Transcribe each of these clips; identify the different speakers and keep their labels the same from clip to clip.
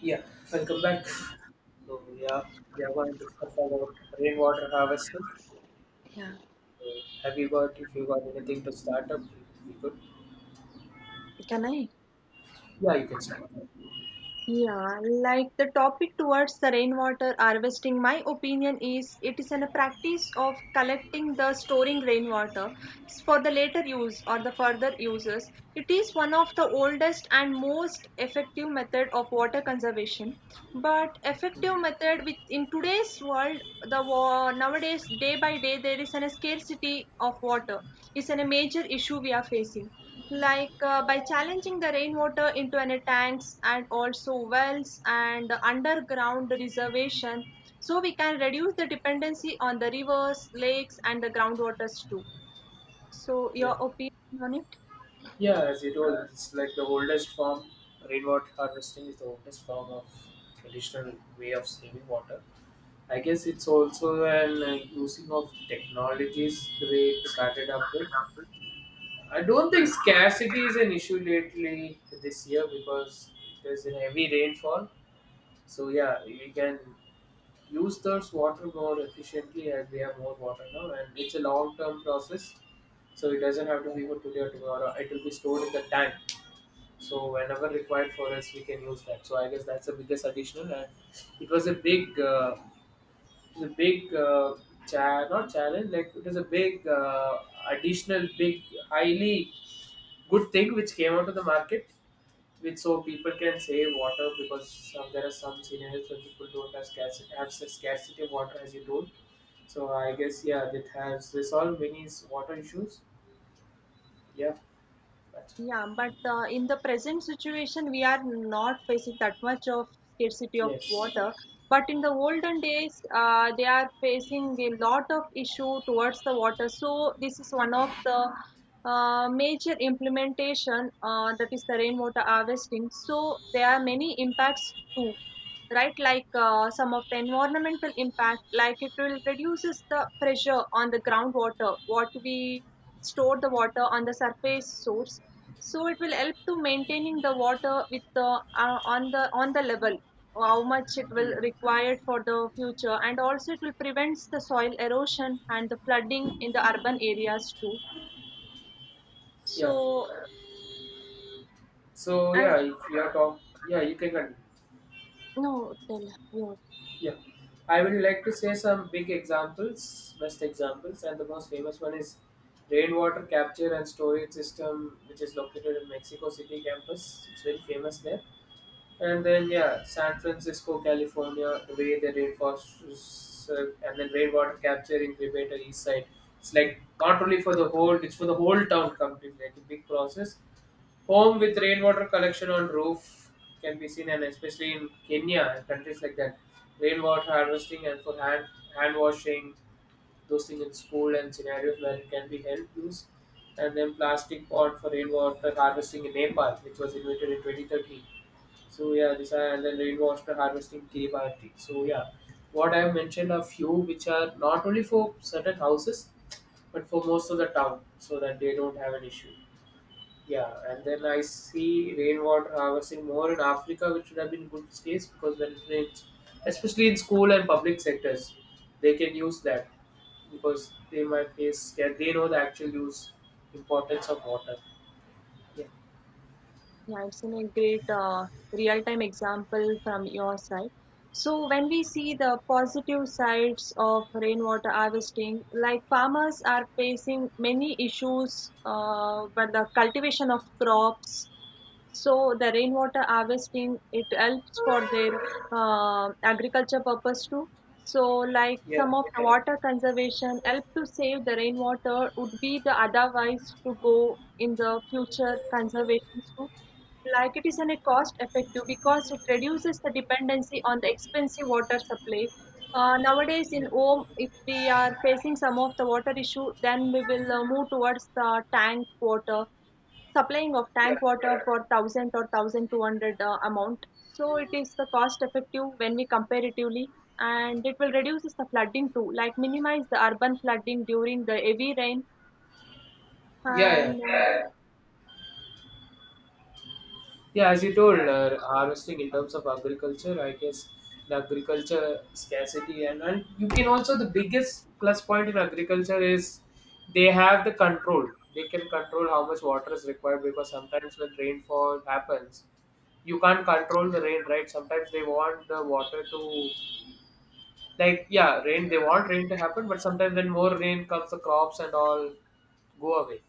Speaker 1: Yeah, welcome back. So yeah, we are going to discuss about rainwater harvesting.
Speaker 2: Yeah,
Speaker 1: So, have you got if you got anything to start up? We could.
Speaker 2: can I?
Speaker 1: Yeah, you can start.
Speaker 2: Yeah, like the topic towards the rainwater harvesting, my opinion is it is in a practice of collecting the storing rainwater for the later use or the further uses. It is one of the oldest and most effective method of water conservation. But effective method with in today's world, the war nowadays day by day there is an a scarcity of water. It's a major issue we are facing by challenging the rainwater into any tanks and also wells and underground reservation so we can reduce the dependency on the rivers lakes and the groundwaters too so your
Speaker 1: Yeah,
Speaker 2: opinion on it.
Speaker 1: yeah. As you told, it's like the oldest form. Rainwater harvesting is the oldest form of traditional way of saving water. I guess it's also an using of technologies the way it started up with. I don't think scarcity is an issue lately this year because there's a heavy rainfall. So yeah, we can use those water more efficiently as we have more water now, and it's a long-term process. So it doesn't have to be for today or tomorrow. It will be stored in the tank. So whenever required for us, we can use that. So I guess that's the biggest additional, and it was a big, uh, not challenge. Like it was a big additional, Big, highly good thing which came out of the market. Which so people can save water because there are some scenarios where people don't have scarcity, scarcity of water as you told. So I guess yeah, that has resolved water issues. Yeah, but
Speaker 2: Yeah, but in the present situation, we are not facing that much of scarcity of
Speaker 1: yes.
Speaker 2: water. But in the olden days, they are facing a lot of issue towards the water. So this is one of the major implementation that is the rainwater harvesting. So there are many impacts too, right? Some of the environmental impact, like it will reduces the pressure on the groundwater. What we store the water on the surface source so it will help to maintaining the water with the on the level how much it will
Speaker 1: Hmm.
Speaker 2: required for the future, and also it will prevents the soil erosion and the flooding in the urban areas too,
Speaker 1: Yeah.
Speaker 2: so
Speaker 1: So
Speaker 2: and
Speaker 1: yeah, if you are talk, yeah, you can continue.
Speaker 2: no tell you.
Speaker 1: Yeah, I would like to say some big examples, best examples, and the most famous one is rainwater capture and storage system, which is located in Mexico City campus. It's very famous there. And then yeah, San Francisco, California, the way the rainforests and then rainwater capturing greater east side. It's like not only for the whole, it's for the whole town completely, like a big process. Home with rainwater collection on roof can be seen, and especially in Kenya and countries like that, rainwater harvesting and for hand washing, those things in school and scenarios where it can be held use, and then plastic pot for rainwater harvesting in Nepal, which was invented in 2013. So yeah, these are, and then rainwater harvesting capability. So yeah, what I have mentioned a few which are not only for certain houses, but for most of the town, so that they don't have an issue. Yeah, and then I see rainwater harvesting more in Africa, which would have been good case because when it rains, especially in school and public sectors, they can use that because they might face, yeah, they know the actual use importance of water. Yeah,
Speaker 2: Yeah, it's in a great real-time example from your side. So when we see the positive sides of rainwater harvesting, like farmers are facing many issues, but the cultivation of crops, so the rainwater harvesting it helps for their agriculture purpose too. So like
Speaker 1: yeah.
Speaker 2: some of the water conservation help to save the rainwater would be the otherwise to go in the future conservations too. Like it is an a cost effective because it reduces the dependency on the expensive water supply. Nowadays in
Speaker 1: Mm-hmm.
Speaker 2: home, if we are facing some of the water issue, then we will move towards the tank water supplying of tank
Speaker 1: Yeah,
Speaker 2: water for 1000 or 1200 amount, so it is the cost effective when we comparatively, and it will reduce the flooding too, like minimize the urban flooding during the heavy rain
Speaker 1: yeah.
Speaker 2: and
Speaker 1: Yeah, as you told, harvesting in terms of agriculture, I guess the agriculture scarcity, and you can also the biggest plus point in agriculture is they have the control. They can control how much water is required because sometimes when rainfall happens, you can't control the rain, right? Sometimes they want the water to, like yeah, rain they want rain to happen, but sometimes when more rain comes the crops and all go away.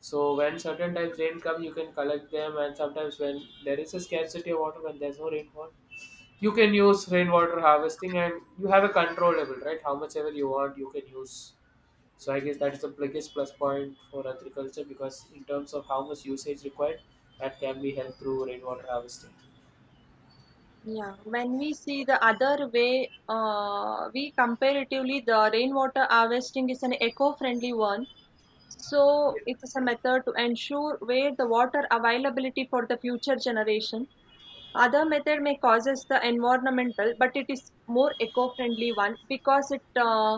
Speaker 1: So when certain times rain come, you can collect them, and sometimes when there is a scarcity of water, when there's no rainfall, you can use rainwater harvesting, and you have a control level, right? How much ever you want, you can use. So I guess that's the biggest plus point for agriculture because in terms of how much usage required, that can be helped through rainwater harvesting.
Speaker 2: yeah when we see
Speaker 1: Yeah.
Speaker 2: the other way we comparatively the rainwater harvesting is an eco-friendly one, so
Speaker 1: Yeah,
Speaker 2: it is a method to ensure where the water availability for the future generation. Other method may causes the environmental, but it is more eco-friendly one because it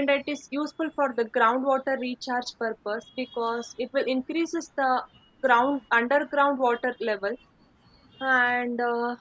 Speaker 2: and it is useful for the groundwater recharge purpose because it will increases the ground underground water level and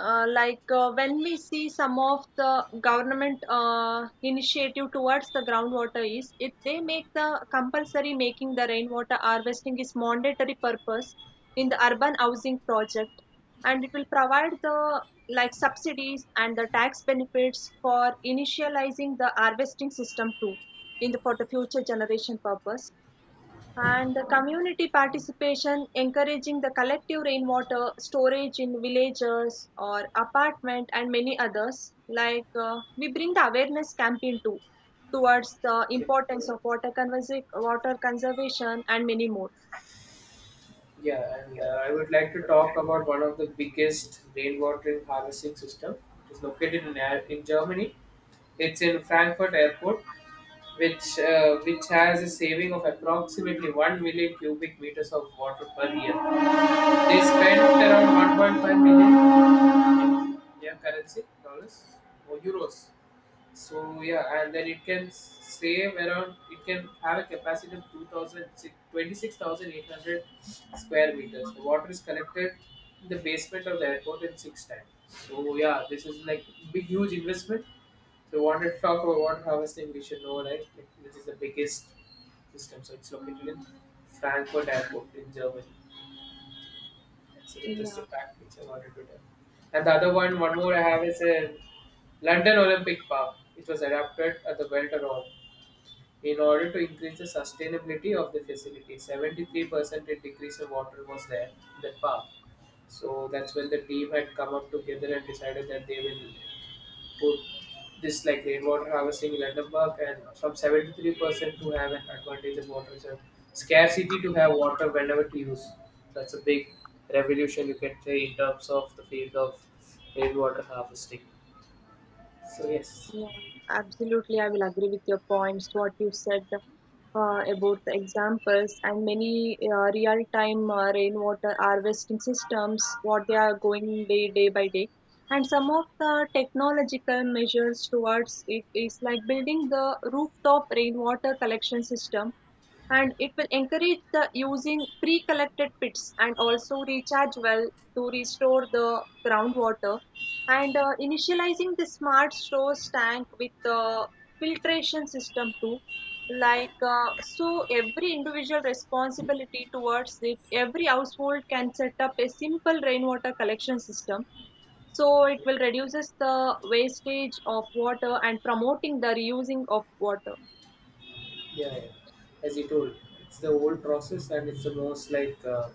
Speaker 2: like when we see some of the government initiative towards the groundwater is if they make the compulsory making the rainwater harvesting is mandatory purpose in the urban housing project, and it will provide the like subsidies and the tax benefits for initializing the harvesting system too in the for the future generation purpose. And the community participation, encouraging the collective rainwater storage in villages or apartment and many others. We bring the awareness campaign too towards the
Speaker 1: yeah.
Speaker 2: importance of water conservation and many more.
Speaker 1: Yeah, and I would like to talk about one of the biggest rainwater harvesting system. It is located in, in Germany. It's in Frankfurt Airport, which has a saving of approximately 1 million cubic meters of water per year. They spent around 1.5 million in, yeah, currency dollars or euros. So yeah, and then it can save around. It can have a capacity of 2,000 square meters. The water is collected in the basement of the airport in six times. So yeah, this is like big huge investment. So we wanted to talk about water harvesting. We should know, right. Like, this is the biggest system. So it's located in Frankfurt Airport in Germany. It's an
Speaker 2: Yeah.
Speaker 1: interesting fact which I wanted to tell. And the other one, one more I have is a London Olympic Park. It was adapted at the Welter Hall in order to increase the sustainability of the facility. 73% decrease in water was there in that park. So that's when the team had come up together and decided that they will put this like rainwater harvesting in Edinburgh, and from 73% to have an advantage of water reserve. Scarcity to have water whenever to use. That's a big revolution, you can say, in terms of the field of rainwater harvesting. So yes,
Speaker 2: Yeah, absolutely. I will agree with your points, what you said about the examples and many real-time rainwater harvesting systems, what they are going day by day. And some of the technological measures towards it is like building the rooftop rainwater collection system, and it will encourage the using pre-collected pits and also recharge well to restore the groundwater and initializing the smart stores tank with the filtration system too. So every individual responsibility towards it, every household can set up a simple rainwater collection system, so it will reduces the wastage of water and promoting the reusing of water.
Speaker 1: yeah. As you told, it's the old process and it's the most like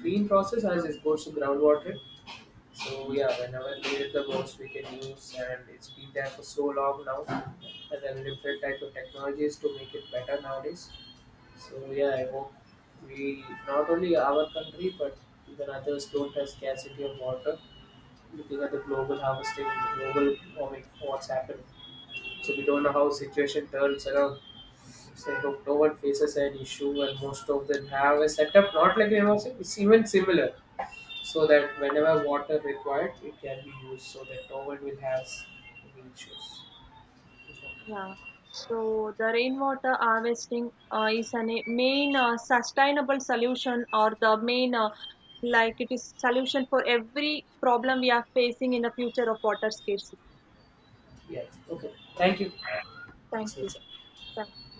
Speaker 1: clean process as it goes to groundwater. So yeah, whenever needed the most we can use and it's been there for so long now, and then different type of technologies to make it better nowadays. So yeah, I hope we not only our country but even others don't have scarcity of water. Looking at the global harvesting, global warming, what's happened. So we don't know how situation turns around. So I hope no one faces an issue and most of them have a setup not like university, it's even similar. So that whenever water required it can be used so that no one will have any issues.
Speaker 2: Yeah, so the rainwater harvesting is a main sustainable solution or the main like it is solution for every problem we are facing in the future of water scarcity.
Speaker 1: Yeah. Okay. Thank you.
Speaker 2: Thank you.
Speaker 1: It's-
Speaker 2: Thank you.